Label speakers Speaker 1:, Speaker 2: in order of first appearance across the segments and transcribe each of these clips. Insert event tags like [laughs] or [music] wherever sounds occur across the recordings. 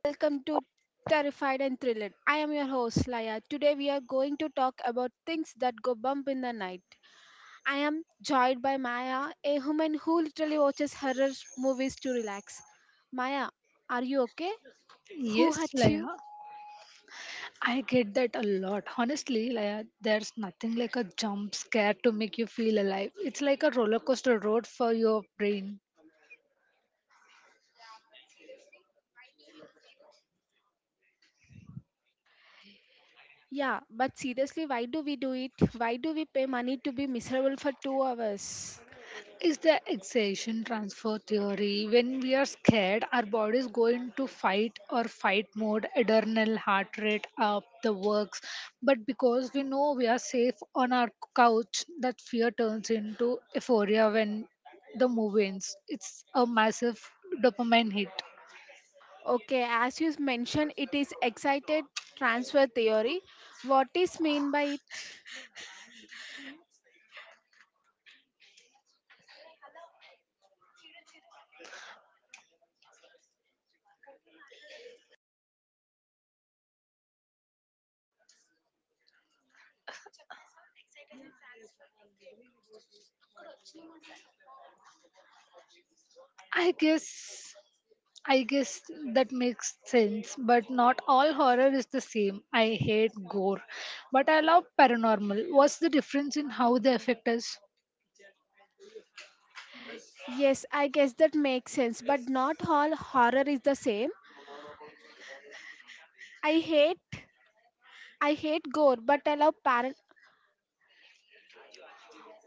Speaker 1: welcome to Terrified and Thrilled. I am your host Laya. Today we are going to talk about things that go bump in the night. I am joined by Maya, a woman who literally watches horror movies to relax. Maya, are you okay? Who
Speaker 2: Yes,
Speaker 1: hurt
Speaker 2: Laya,
Speaker 1: you?
Speaker 2: I get that a lot. Honestly, Laya, there's nothing like a jump scare to make you feel alive. It's like a roller coaster road for your brain.
Speaker 1: Yeah, but seriously, why do we do it? Why do we pay money to be miserable for 2 hours?
Speaker 2: Is the exhaustion transfer theory. When we are scared, our bodies go into fight or fight mode, adrenal heart rate up, the works. But because we know we are safe on our couch, that fear turns into euphoria when the movie ends. It's a massive dopamine hit.
Speaker 1: Okay, as you mentioned, it is excited transfer theory. What is mean by it?
Speaker 2: I guess I guess that makes sense, but not all horror is the same. I hate gore, but I love paranormal. What's the difference in how they affect us?
Speaker 1: Yes, I guess that makes sense, but not all horror is the same. I hate I hate gore, but I love paran.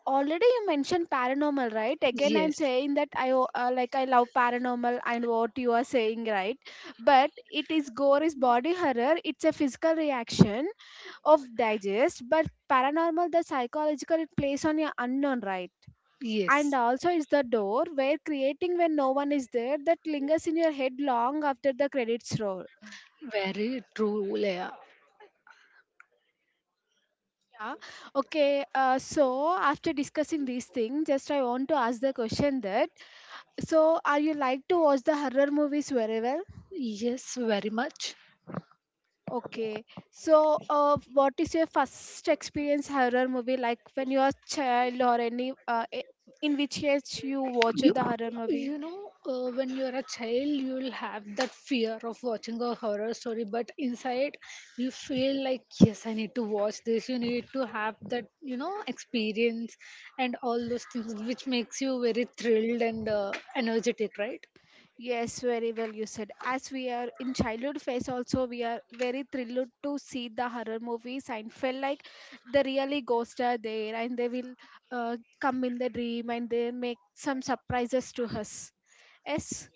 Speaker 1: Already you mentioned paranormal, right? Again, I'm
Speaker 2: Yes.
Speaker 1: saying that like I love paranormal and what you are saying, right? But it is gore is body horror. It's a physical reaction of digest, but paranormal the psychological it plays on your unknown, right? And
Speaker 2: Yes.
Speaker 1: also it's the door where creating when no one is there that lingers in your head long after the credits roll.
Speaker 2: Very true, Leah.
Speaker 1: Yeah. Okay. So after discussing these things, just I want to ask the question that so are you like to watch the horror movies very well?
Speaker 2: Yes, very much.
Speaker 1: Okay. So what is your first experience horror movie like when you are child or any in which age you watched
Speaker 2: You,
Speaker 1: the horror movie?
Speaker 2: when you're a child, you'll have that fear of watching a horror story, but inside you feel like, yes, I need to watch this. You need to have that, experience and all those things, which makes you very thrilled and energetic, right?
Speaker 1: Yes, very well you said. As we are in childhood phase also, we are very thrilled to see the horror movies and feel like the really ghosts are there and they will come in the dream and they make some surprises to us. Yes.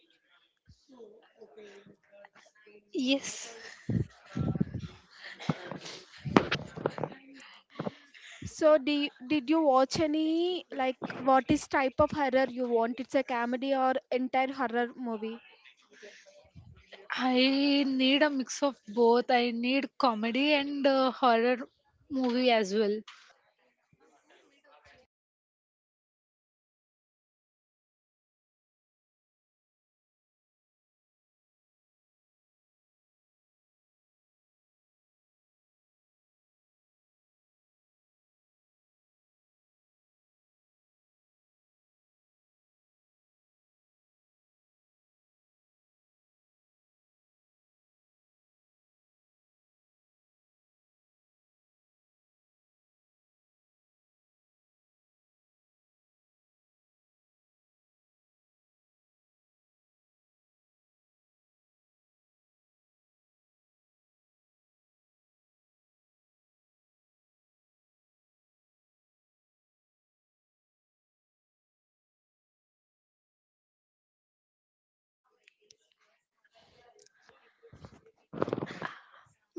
Speaker 2: Yes,
Speaker 1: So did you watch any like what is type of horror you want? It's a comedy or entire horror movie?
Speaker 2: I need a mix of both. I need comedy and horror movie as well.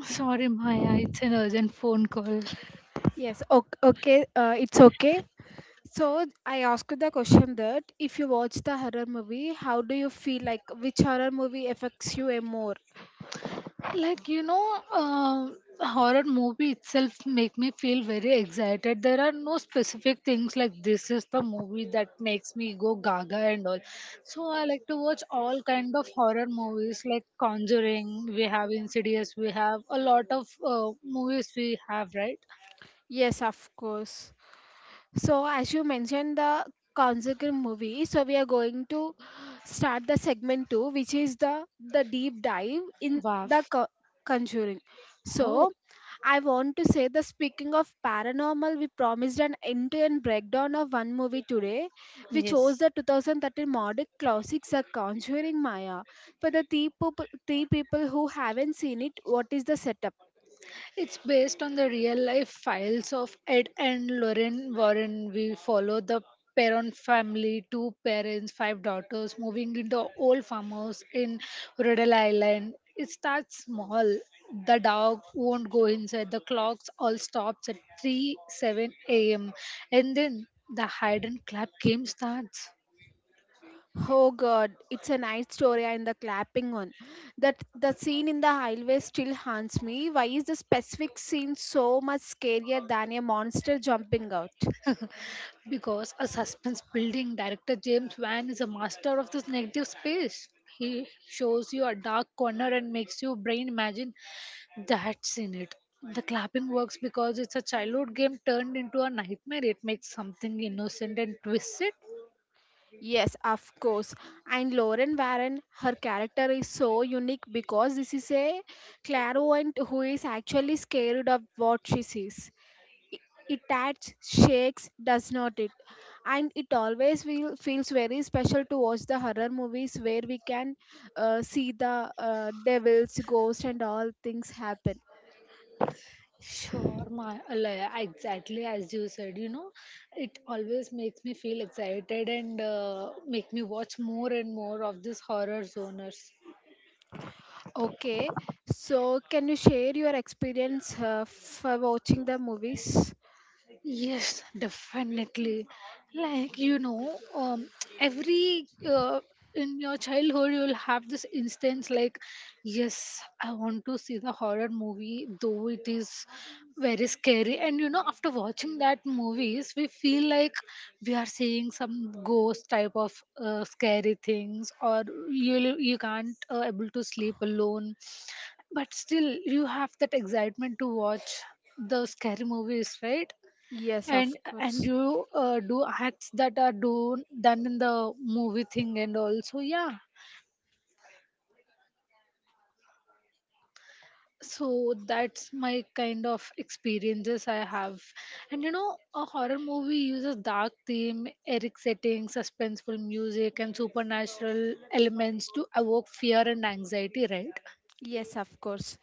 Speaker 2: Sorry, Maya, it's an urgent phone call.
Speaker 1: Yes. Okay. Okay. It's okay. So I asked you the question that if you watch the horror movie, how do you feel like which horror movie affects you a more?
Speaker 2: Like, um horror movie itself make me feel very excited. There are no specific things like this is the movie that makes me go gaga and all. So I like to watch all kind of horror movies. Like Conjuring, we have Insidious, we have a lot of movies we have, right?
Speaker 1: Yes, of course. So, as you mentioned, the consequent movie. So, we are going to start the segment two, which is the deep dive in
Speaker 2: Wow.
Speaker 1: the Conjuring.
Speaker 2: Oh.
Speaker 1: So, I want to say the speaking of paranormal, we promised an end-to-end breakdown of one movie today. We chose
Speaker 2: Yes.
Speaker 1: the 2013 modern classic The Conjuring. Maya, for the three people who haven't seen it, what is the setup?
Speaker 2: It's based on the real life files of Ed and Lorraine Warren. We follow the Perron family, two parents, five daughters, moving into an old farmhouse in Rhode Island. It starts small. The dog won't go inside. The clocks all stops at 3 7 a.m. And then the hide and clap game starts.
Speaker 1: Oh God, it's a night story and the clapping one. That the scene in the highway still haunts me. Why is the specific scene so much scarier than a monster jumping out?
Speaker 2: Because a suspense building director James Wan is a master of this negative space. He shows you a dark corner and makes your brain imagine that's in it. The clapping works because it's a childhood game turned into a nightmare. It makes something innocent and twists it.
Speaker 1: Yes, of course. And Lauren Warren, her character is so unique because this is a clairvoyant who is actually scared of what she sees. I- It adds shakes, does not it? And it always feels very special to watch the horror movies where we can see the devils, ghosts, and all things happen.
Speaker 2: Sure, my Alaya, exactly as you said, it always makes me feel excited and make me watch more and more of these horror zoners.
Speaker 1: Okay, so can you share your experience for watching the movies?
Speaker 2: Yes, definitely. Like, you know, every in your childhood, you'll have this instance like, yes, I want to see the horror movie, though it is very scary. And after watching that movies, we feel like we are seeing some ghost type of scary things, or you can't able to sleep alone. But still, you have that excitement to watch the scary movies, right?
Speaker 1: Yes, of
Speaker 2: And
Speaker 1: course.
Speaker 2: you do acts that are done in the movie thing and also, yeah, so that's my kind of experiences I have. And a horror movie uses dark theme, eric setting, suspenseful music and supernatural elements to evoke fear and anxiety, right?
Speaker 1: Yes, of course.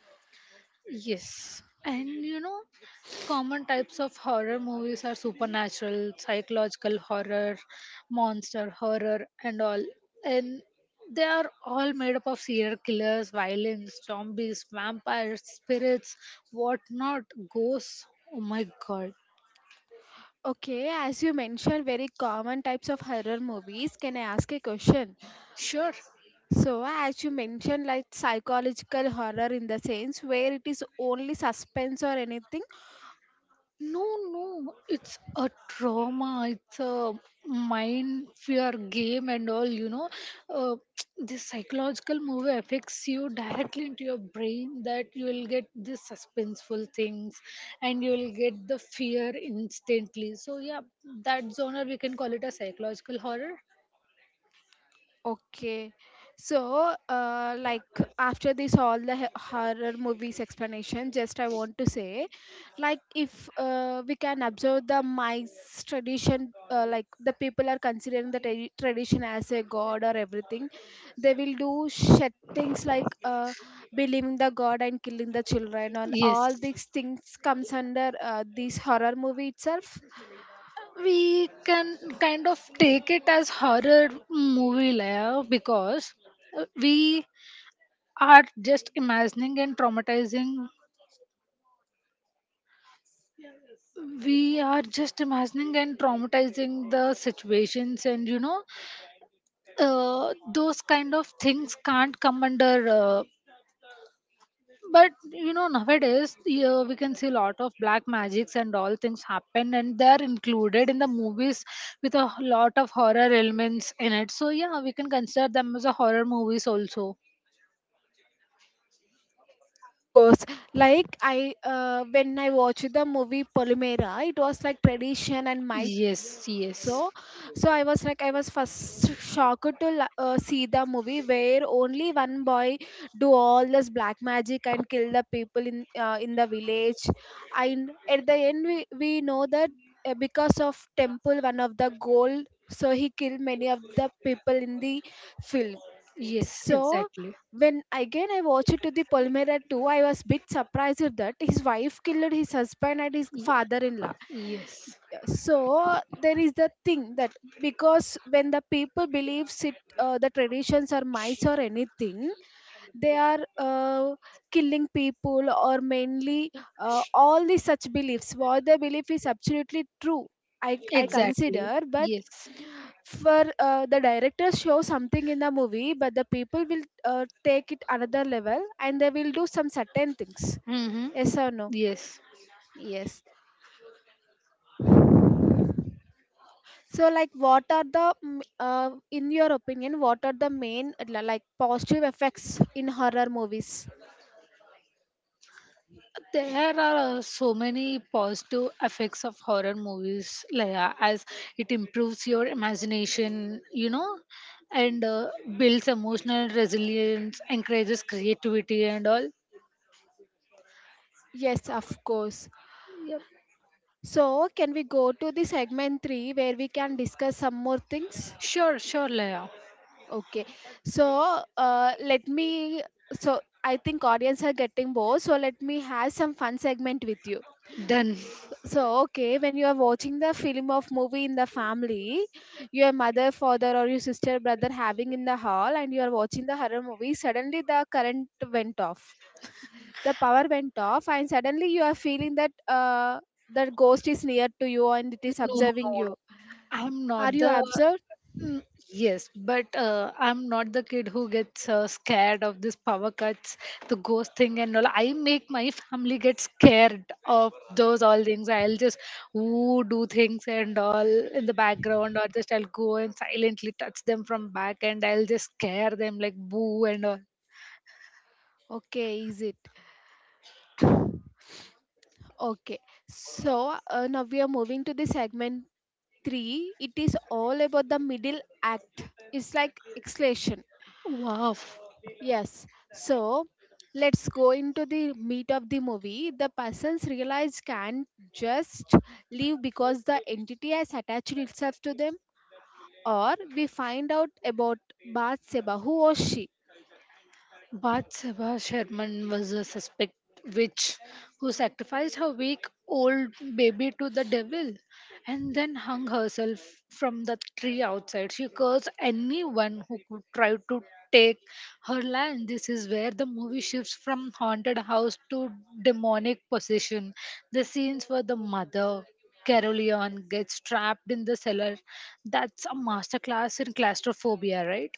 Speaker 2: Yes. And common types of horror movies are supernatural, psychological horror, monster horror, and all. And they are all made up of serial killers, violence, zombies, vampires, spirits, whatnot, ghosts. Oh my God.
Speaker 1: Okay, as you mentioned, very common types of horror movies. Can I ask a question?
Speaker 2: Sure.
Speaker 1: So, as you mentioned, like psychological horror in the sense where it is only suspense or anything,
Speaker 2: No, no, it's a trauma. It's a mind fear game and all. Uh, [tsk] this psychological movie affects you directly into your brain. That you will get these suspenseful things, and you will get the fear instantly. So yeah, that genre we can call it a psychological horror.
Speaker 1: okay. So, like after this, all the horror movies explanation, just I want to say, like if we can observe the mice tradition, like the people are considering the tradition as a god or everything, they will do shit things like believing the god and killing the children, and
Speaker 2: Yes.
Speaker 1: all these things comes under this horror movie itself.
Speaker 2: We can kind of take it as horror movie layer because we are just imagining and traumatizing the situations. And those kind of things can't come under but nowadays, yeah, we can see a lot of black magics and all things happen and they're included in the movies with a lot of horror elements in it. So yeah, we can consider them as a horror movies also.
Speaker 1: Course, like I when I watched the movie Polymera it was like tradition and might.
Speaker 2: Yes, yes.
Speaker 1: So so I was like I was first shocked to see the movie where only one boy do all this black magic and kill the people in the village, and at the end we know that because of temple one of the gold so he killed many of the people in the field.
Speaker 2: Yes,
Speaker 1: So
Speaker 2: exactly.
Speaker 1: when again I watched to the Polmera 2, I was bit surprised that his wife killed his husband and his
Speaker 2: Ye-
Speaker 1: father-in-law.
Speaker 2: Yes,
Speaker 1: So there is the thing that because when the people believes it, the traditions are mice or anything, they are killing people or mainly all these such beliefs. What they believe is absolutely true. I
Speaker 2: exactly.
Speaker 1: consider, but
Speaker 2: Yes.
Speaker 1: for the directors show something in the movie but the people will take it another level and they will do some certain things.
Speaker 2: Mm-hmm.
Speaker 1: Yes or no?
Speaker 2: Yes.
Speaker 1: Yes. So like what are the in your opinion what are the main like positive effects in horror movies.
Speaker 2: There are so many positive effects of horror movies, Laya, as it improves your imagination, and builds emotional resilience, encourages creativity, and all.
Speaker 1: Yes of course. So can we go to the segment 3 where we can discuss some more things?
Speaker 2: Sure, sure, Laya.
Speaker 1: Okay. So let me. So I think audience are getting bored. So let me have some fun segment with you.
Speaker 2: Done.
Speaker 1: So okay, when you are watching the film of movie in the family, your mother, father, or your sister, brother having in the hall, and you are watching the horror movie. Suddenly the current went off. The power went off, and suddenly you are feeling that that ghost is near to you and it is
Speaker 2: No, no,
Speaker 1: observing you.
Speaker 2: no. I'm
Speaker 1: Are
Speaker 2: not
Speaker 1: you
Speaker 2: the.
Speaker 1: observed?
Speaker 2: Mm, yes, but I'm not the kid who gets scared of this power cuts, the ghost thing, and all. I make my family get scared of those all things. I'll just ooh, do things and all in the background, or just I'll go and silently touch them from back, and I'll just scare them like boo and all.
Speaker 1: Okay, is it? Okay, so now we are moving to the segment three. It is all about the middle act. It's like exclamation.
Speaker 2: Wow.
Speaker 1: Yes. So let's go into the meat of the movie. The persons realized can't just leave because the entity has attached itself to them, or we find out about Bath. Who was she?
Speaker 2: But Sabha Sherman was a suspect witch who sacrificed her weak old baby to the devil and then hung herself from the tree outside. She cursed anyone who could try to take her land. This is where the movie shifts from haunted house to demonic possession. The scenes where the mother Caroleon gets trapped in the cellar. That's a masterclass in claustrophobia, right?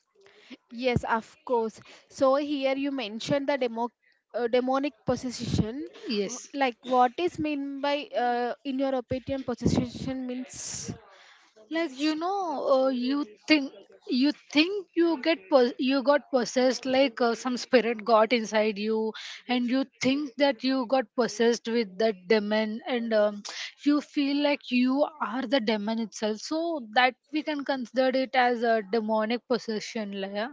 Speaker 1: Yes, of course. So here you mentioned the demo, demonic possession.
Speaker 2: Yes.
Speaker 1: Like, what is mean by, in your opinion, possession means?
Speaker 2: Like you think you you got possessed, like some spirit got inside you, and you think that you got possessed with that demon. And you feel like you are the demon itself, so that we can consider it as a demonic possession, yeah.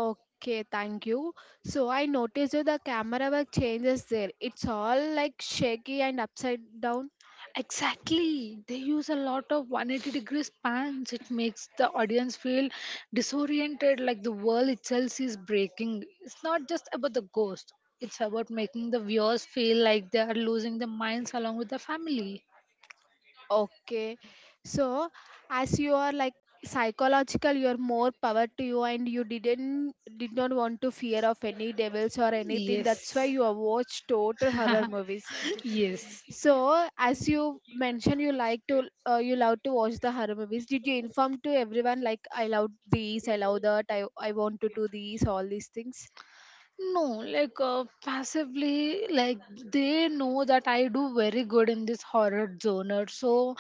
Speaker 1: Okay, thank you. So I noticed that the camera work changes there. It's all like shaky and upside down.
Speaker 2: Exactly. They use a lot of 180-degree spans. It makes the audience feel disoriented, like the world itself is breaking. It's not just about the ghost, it's about making the viewers feel like they are losing their minds along with the family.
Speaker 1: Okay. So, as you are like psychological, you are more power to you, and you did not want to fear of any devils or anything. That's why
Speaker 2: Yes.
Speaker 1: you have watched total horror movies.
Speaker 2: Yes.
Speaker 1: So, as you mentioned, you like to you love to watch the horror movies. Did you inform to everyone like I love these, I love that, I want to do these, all these things?
Speaker 2: No, like passively, like they know that I do very good in this horror genre. So,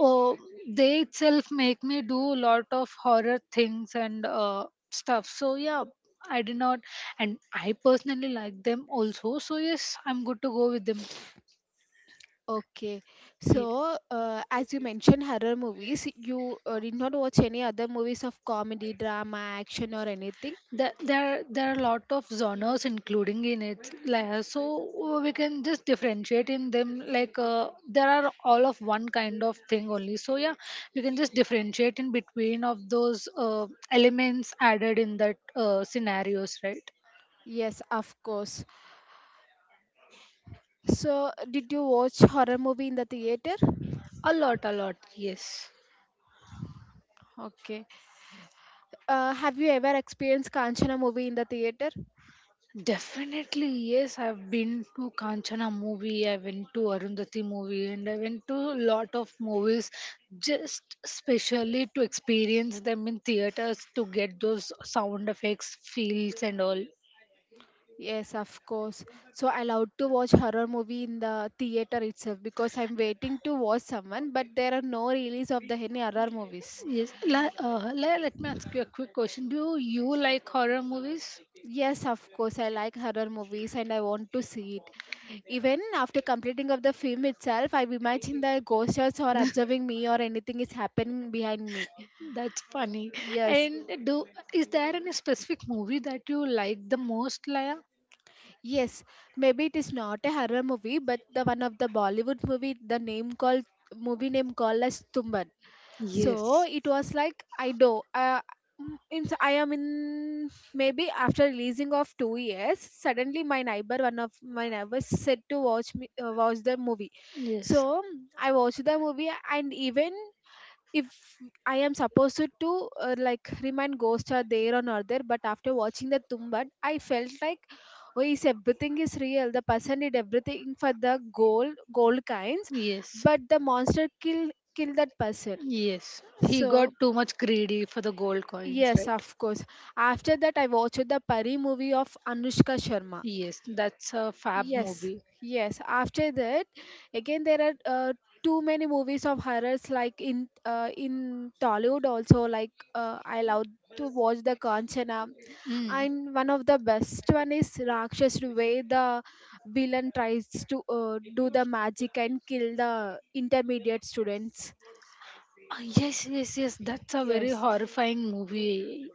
Speaker 2: uh, they itself make me do a lot of horror things and stuff. So, yeah, I did not, and I personally like them also. So, yes, I'm good to go with them.
Speaker 1: Okay,
Speaker 2: Yeah.
Speaker 1: so as you mentioned horror movies, you did not watch any other movies of comedy, drama, action, or anything?
Speaker 2: There are a lot of genres including in it, like, we can just differentiate in them, like there are all of one kind of thing only. So yeah, we can just differentiate in between of those elements added in that scenarios, right?
Speaker 1: Yes, of course. So, did you watch horror movie in the theater?
Speaker 2: A lot, a lot, yes.
Speaker 1: Okay. Have you ever experienced Kanchana movie in the theater?
Speaker 2: Definitely, yes. I've been to Kanchana movie, I went to Arundhati movie, and I went to a lot of movies just specially to experience them in theaters to get those sound effects, feels, and all.
Speaker 1: Yes, of course. So I love to watch horror movie in the theater itself because I'm waiting to watch someone, but there are no release of the any horror movies.
Speaker 2: Yes, let me ask you a quick question. Do you like horror movies?
Speaker 1: Yes, of course. I like horror movies and I want to see it. Even after completing of the film itself, I imagine the ghosts are observing
Speaker 2: [laughs]
Speaker 1: me or anything is happening behind me.
Speaker 2: That's funny.
Speaker 1: Yes,
Speaker 2: And do is there any specific movie that you like the most, Laya?
Speaker 1: yes. Maybe it is not a horror movie, but the one of the Bollywood movie, the name called movie name called as Tumban. So
Speaker 2: Yes.
Speaker 1: it was like I do. I am in maybe after releasing of 2 years. Suddenly, my neighbor, one of my neighbors, said to watch me watch the movie.
Speaker 2: Yes.
Speaker 1: So I watched the movie, and even if I am supposed to like remind ghosts are there or not there, but after watching the Tumbad, I felt like, oh, is everything is real. The person did everything for the gold, gold kinds,
Speaker 2: Yes.
Speaker 1: but the monster kill kill that person.
Speaker 2: Yes. He got
Speaker 1: So
Speaker 2: too much greedy for the gold coins,
Speaker 1: yes,
Speaker 2: right?
Speaker 1: of course. After that, I watched the Pari movie of Anushka Sharma.
Speaker 2: Yes, that's a fab
Speaker 1: Yes,
Speaker 2: movie.
Speaker 1: yes. After that, again there are too many movies of horrors like in Tollywood also. Like I love to watch the Kanchana,
Speaker 2: Mm.
Speaker 1: and one of the best one is Rakshas, where the villain tries to do the magic and kill the intermediate students.
Speaker 2: Ah, yes, yes, yes. That's a very
Speaker 1: Yes,
Speaker 2: horrifying movie.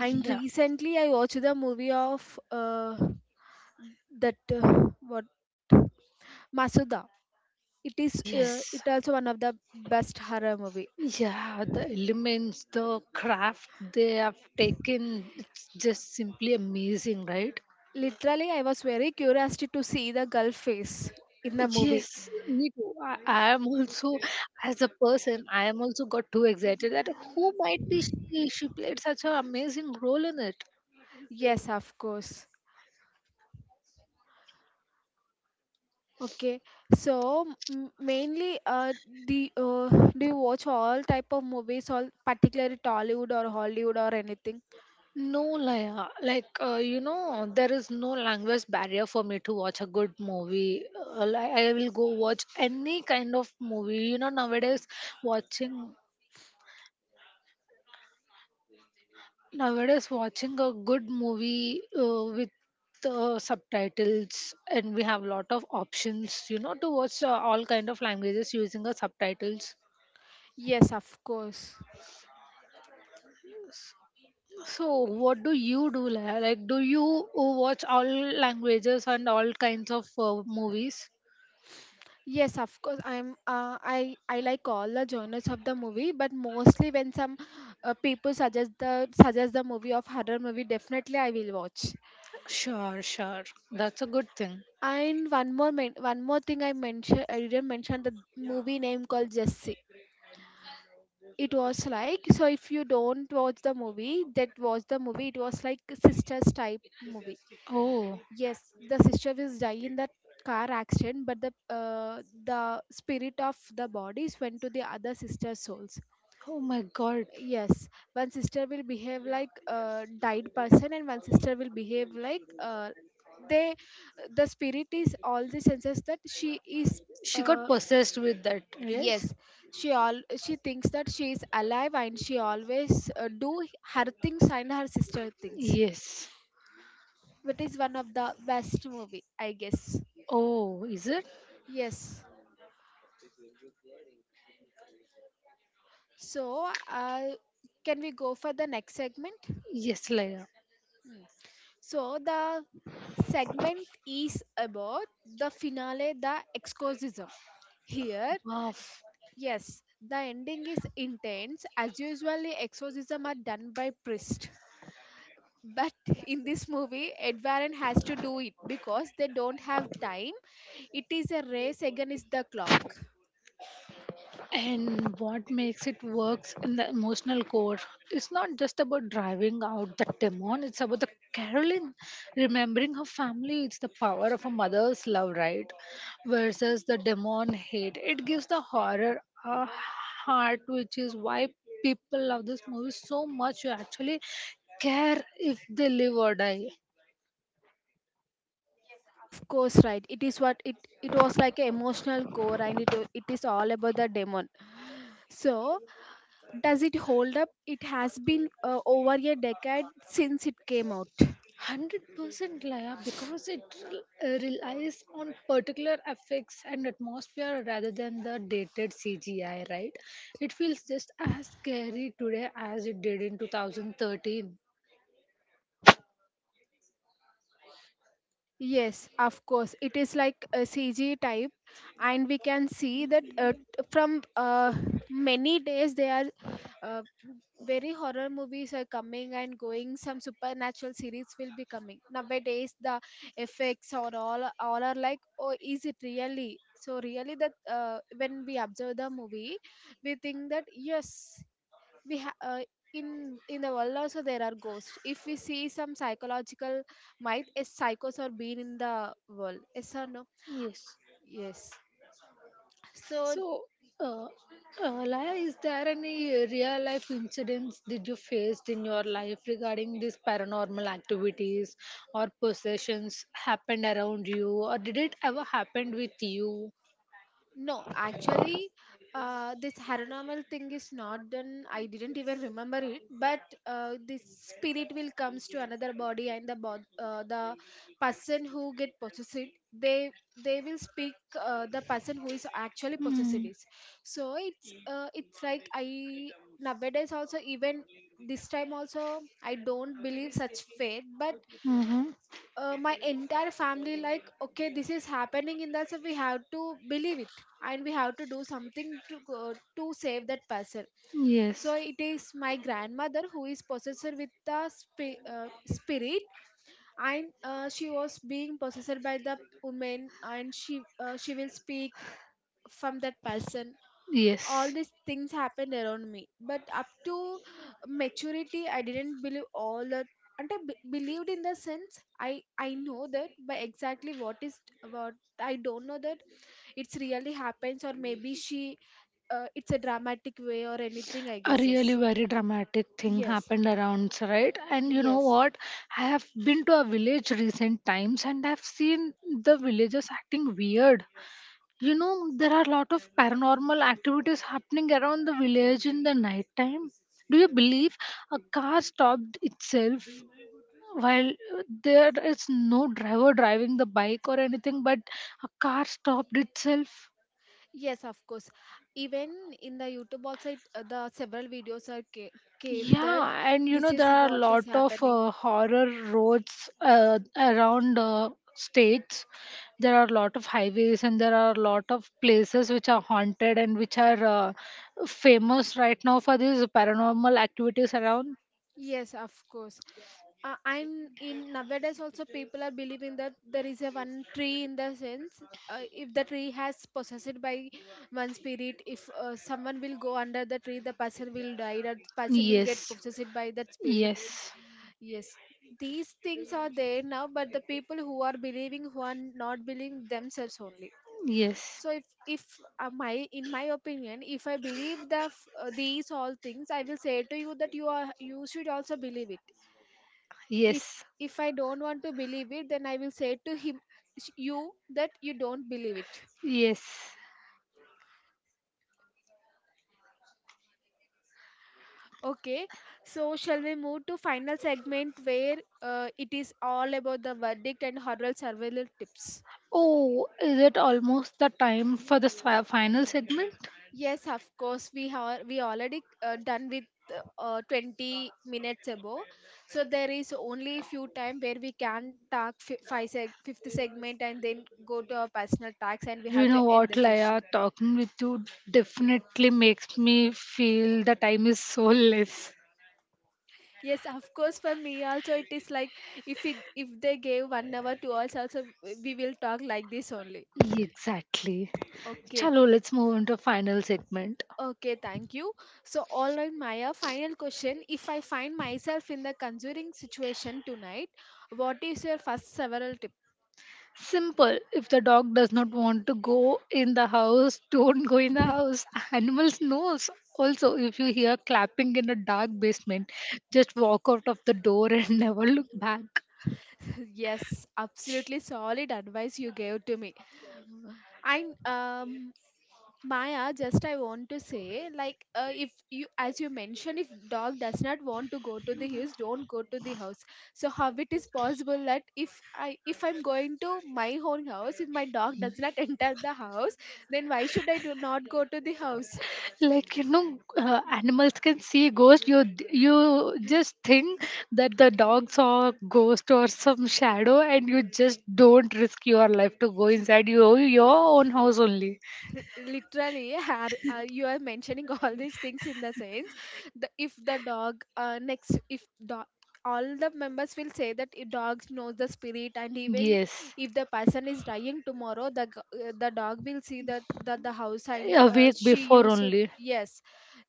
Speaker 1: and
Speaker 2: Yeah,
Speaker 1: recently I watched the movie of that what Masuda. It is
Speaker 2: yes.
Speaker 1: it also one of the best horror movie.
Speaker 2: Yeah, the elements, the craft they have taken, it's just simply amazing, right?
Speaker 1: Literally, I was very curious to see the girl face in the movie.
Speaker 2: Yes, me too. I am also, as a person, I am also got too excited that who might be she? She played such an amazing role in it.
Speaker 1: Yes, of course. Okay, so mainly, do uh, do you watch all type of movies, all particularly Tollywood or Hollywood or anything?
Speaker 2: No, Laya. Like, there is no language barrier for me to watch a good movie. Like, I will go watch any kind of movie. Nowadays watching a good movie with the subtitles, and we have lot of options, to watch all kind of languages using the subtitles.
Speaker 1: Yes, of course.
Speaker 2: So, what do you do? Like, do you watch all languages and all kinds of movies?
Speaker 1: Yes, of course. I like all the genres of the movie, but mostly when some people suggest the movie of horror movie, definitely I will watch.
Speaker 2: Sure, sure. That's a good thing.
Speaker 1: And one one more thing I mentioned I didn't mention the movie name called Jessie. It was like so if you don't watch the movie that was the movie it was like sisters type movie.
Speaker 2: Oh.
Speaker 1: Yes, the sister was die in that car accident, but the spirit of the bodies went to the other sister's souls.
Speaker 2: Oh my God.
Speaker 1: Yes, one sister will behave like a died person, and one sister will behave like they. The spirit is all the senses that she is.
Speaker 2: She got
Speaker 1: Uh,
Speaker 2: possessed with that,
Speaker 1: yes,
Speaker 2: yes?
Speaker 1: she all she thinks that she is alive and she always do her things and her sister things,
Speaker 2: Yes.
Speaker 1: which is one of the best movie I guess.
Speaker 2: Oh, is it?
Speaker 1: Yes, so can we go for the next segment?
Speaker 2: Yes, Leia.
Speaker 1: Hmm. So the segment is about the finale, the exorcism here.
Speaker 2: Wow.
Speaker 1: Yes, the ending is intense as usually exorcism are done by priest. But in this movie, Ed Warren has to do it because they don't have time. It is a race against the clock.
Speaker 2: And what makes it works in the emotional core? It's not just about driving out the demon, it's about the Carolyn remembering her family. It's the power of a mother's love, right? Versus the demon hate. It gives the horror a heart, which is why people love this movie so much. You actually care if they live or die.
Speaker 1: Of course, right. It is what it was like an emotional core, and it is all about the demon. So, does it hold up? It has been over a decade since it came out.
Speaker 2: 100% Laya, because it relies on particular effects and atmosphere rather than the dated CGI, right? It feels just as scary today as it did in 2013.
Speaker 1: Yes, of course. It is like a CG type, and we can see that from many days they are uh, very horror movies are coming and going. Some supernatural series will be coming nowadays. The effects or all are like, oh, is it really? So really that when we observe the movie, we think that yes, we ha- uh, in the world also there are ghosts if we see some psychological might is psychos are being in the world, yes or no?
Speaker 2: Yes.
Speaker 1: Yes. So
Speaker 2: So, uh, Laya, is there any real life incidents did you faced in your life regarding these paranormal activities or possessions happened around you, or did it ever happen with you?
Speaker 1: no, actually, this paranormal thing is not done. I didn't even remember it, but this spirit will comes to another body, and the person who get possessed, they they will speak the person who is actually possessed is. So it's like I nowadays also even this time also I don't believe such faith, but my entire family like okay this is happening in that so we have to believe it and we have to do something to go, to save that person.
Speaker 2: Mm-hmm.
Speaker 1: So it is my grandmother who is possessed with the spirit, and she was being possessed by the woman and she will speak from that person. All
Speaker 2: Yes.
Speaker 1: these
Speaker 2: Yes.
Speaker 1: things happened around me, but up to maturity I didn't believe all that. And believed in the sense I know that by exactly what is what. I don't know that it's really happens, or maybe she it's a dramatic way or anything, I
Speaker 2: A
Speaker 1: guess. Yes,
Speaker 2: really very dramatic thing
Speaker 1: yes,
Speaker 2: happened around, right? And you know
Speaker 1: yes.
Speaker 2: what, I have been to a village recent times and I've seen the villagers acting weird. You know, there are a lot of paranormal activities happening around the village in the night time. Do you believe a car stopped itself while there is no driver driving the bike or anything, but a car stopped itself?
Speaker 1: Yes, of course. Even in the YouTube also it, the several videos are came that
Speaker 2: Yeah, and you
Speaker 1: this
Speaker 2: know
Speaker 1: is
Speaker 2: there are a
Speaker 1: what is
Speaker 2: lot of
Speaker 1: happening.
Speaker 2: horror roads around states. There are a lot of highways and there are a lot of places which are haunted and which are famous right now for these paranormal activities around.
Speaker 1: Yes, of course. Am in nowadays also people are believing that there is a one tree in the sense, if the tree has possessed by one spirit, if someone will go under the tree the person will die, that person will get
Speaker 2: Yes.
Speaker 1: possessed by that spirit.
Speaker 2: Yes.
Speaker 1: Yes, these things are there now, but the people who are believing, who are not believing themselves only.
Speaker 2: Yes. Yes.
Speaker 1: So if my, in my opinion, if I believe these all things, I will say to you that you are you should also believe it. if if I don't want to believe it, then I will say to him you that you don't believe it.
Speaker 2: Yes.
Speaker 1: Okay, so shall we move to final segment where it is all about the verdict and horror survival tips?
Speaker 2: Oh, is it almost the time for the final segment?
Speaker 1: Yes, of course we already done with 20 minutes ago, so there is only few time where we can talk fifth segment and then go to our personal tax and we
Speaker 2: You
Speaker 1: have to
Speaker 2: know
Speaker 1: end
Speaker 2: what,
Speaker 1: the session.
Speaker 2: Laya? Talking with you definitely makes me feel the time is so less.
Speaker 1: Yes, of course. For me also, it is like if they gave 1 hour to us, also we will talk like this only.
Speaker 2: Exactly.
Speaker 1: Okay,
Speaker 2: Chalo, let's move on to final segment.
Speaker 1: okay, thank you. So, all right, Maya. Final question: if I find myself in the conjuring situation tonight, what is your first several tip?
Speaker 2: Simple. If the dog does not want to go in the house, [laughs] don't go in the house. Animals knows. Also, if you hear clapping in a dark basement, just walk out of the door and [laughs] never look back.
Speaker 1: [laughs] Yes, absolutely solid advice you gave to me. And Maya, just I want to say, like, if you, as you mentioned, if dog does not want to go to the house, don't go to the house. So how it is possible that if I'm going to my own house, if my dog does not [laughs] enter the house, then why should I do not go to the house?
Speaker 2: Like animals can see ghosts. You just think that the dog saw a ghost or some shadow, and you just don't risk your life to go inside your own house only.
Speaker 1: Literally you are mentioning [laughs] all these things in the sense,
Speaker 2: [laughs]
Speaker 1: if the dog next if dog all the members will say that a dog knows the spirit, and even
Speaker 2: Yes.
Speaker 1: if the person is dying tomorrow the dog will see that that the house and
Speaker 2: A week
Speaker 1: she
Speaker 2: before
Speaker 1: used to,
Speaker 2: only.
Speaker 1: yes,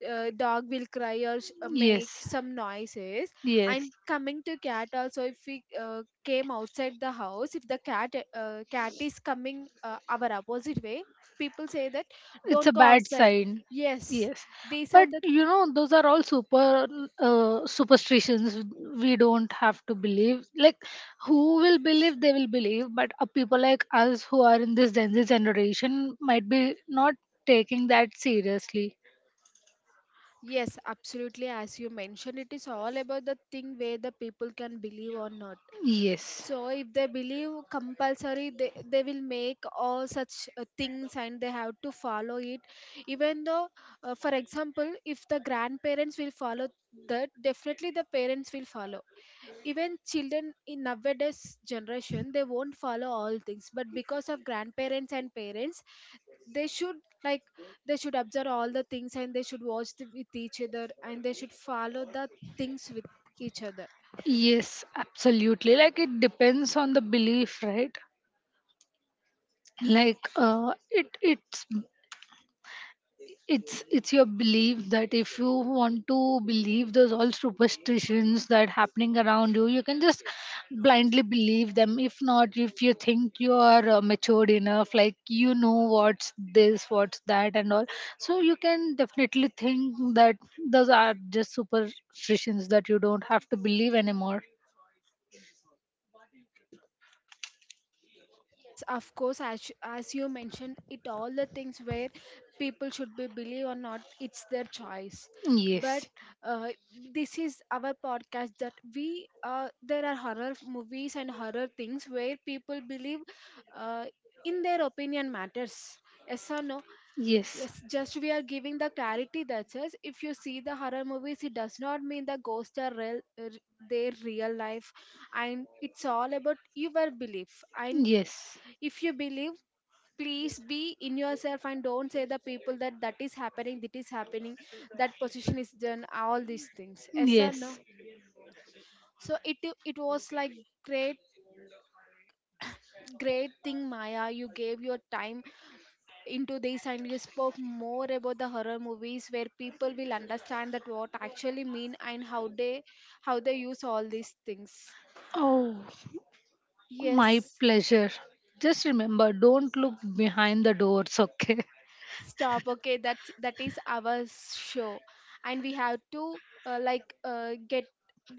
Speaker 1: dog will cry or
Speaker 2: Yes.
Speaker 1: make some noises.
Speaker 2: Yes.
Speaker 1: And coming to cat also, if we came outside the house, if the cat cat is coming our opposite way, people say that
Speaker 2: It's a
Speaker 1: don't go
Speaker 2: bad
Speaker 1: outside.
Speaker 2: sign.
Speaker 1: Yes,
Speaker 2: Yes.
Speaker 1: these are
Speaker 2: But
Speaker 1: the.
Speaker 2: you know, those are all superstitions we don't have to believe. Like, who will believe they will believe, but people like us who are in this Gen Z generation might be not taking that seriously.
Speaker 1: Yes, absolutely, as you mentioned, it is all about the thing where the people can believe or not.
Speaker 2: Yes.
Speaker 1: So if they believe compulsory, they will make all such things and they have to follow it. Even though, for example, if the grandparents will follow that, definitely the parents will follow. Even children in nowadays generation they won't follow all things, but because of grandparents and parents they should, like, they should observe all the things and they should watch the, with each other, and they should follow the things with each other.
Speaker 2: Yes, absolutely. Like it depends on the belief, right? Like it it's your belief that if you want to believe those all superstitions that happening around you, you can just blindly believe them. If not, if you think you are matured enough, like you know what's this, what's that, and all, so you can definitely think that those are just superstitions that you don't have to believe anymore.
Speaker 1: Yes, of course. As you mentioned, it all the things where people should be believe or not, it's their choice. But
Speaker 2: Yes.
Speaker 1: uh, this is our podcast that we there are horror movies and horror things where people believe, uh, in their opinion matters, yes or no? Yes, just we are giving the clarity that says if you see the horror movies, it does not mean the ghosts are real, their real life, and it's all about your belief. And
Speaker 2: Yes.
Speaker 1: if you believe, please be in yourself and don't say the people that that is happening, that is happening, that position is done, all these things. Yes or no?
Speaker 2: Yes. Yes.
Speaker 1: So it was like great great thing, Maya. You gave your time into this, and you spoke more about the horror movies where people will understand that what actually mean and how they, how they use all these things.
Speaker 2: Oh, my
Speaker 1: Yes.
Speaker 2: pleasure. Just remember, don't look behind the doors, okay?
Speaker 1: Stop, okay, that's that is our show, and we have to uh, like uh, get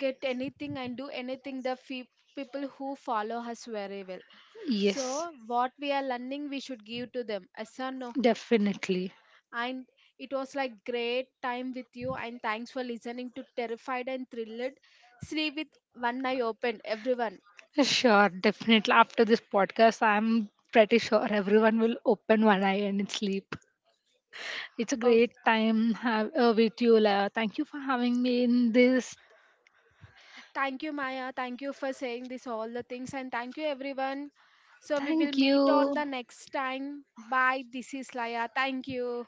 Speaker 1: get anything and do anything people who follow us very well. So
Speaker 2: Yes,
Speaker 1: what we are learning we should give to them, yes or no?
Speaker 2: definitely.
Speaker 1: And it was like great time with you. And thanks for listening to Terrified and Thrilled. Sleep with one eye open, everyone.
Speaker 2: Sure, definitely. After this podcast, I'm pretty sure everyone will open one eye and sleep. It's a
Speaker 1: Oh,
Speaker 2: great time have, with you, Laya. Thank you for having me in this.
Speaker 1: thank you, Maya. Thank you for saying this all the things, and thank you, everyone. So we will
Speaker 2: Thank
Speaker 1: meet on
Speaker 2: you.
Speaker 1: the next time. Bye. This is Laya. Thank you.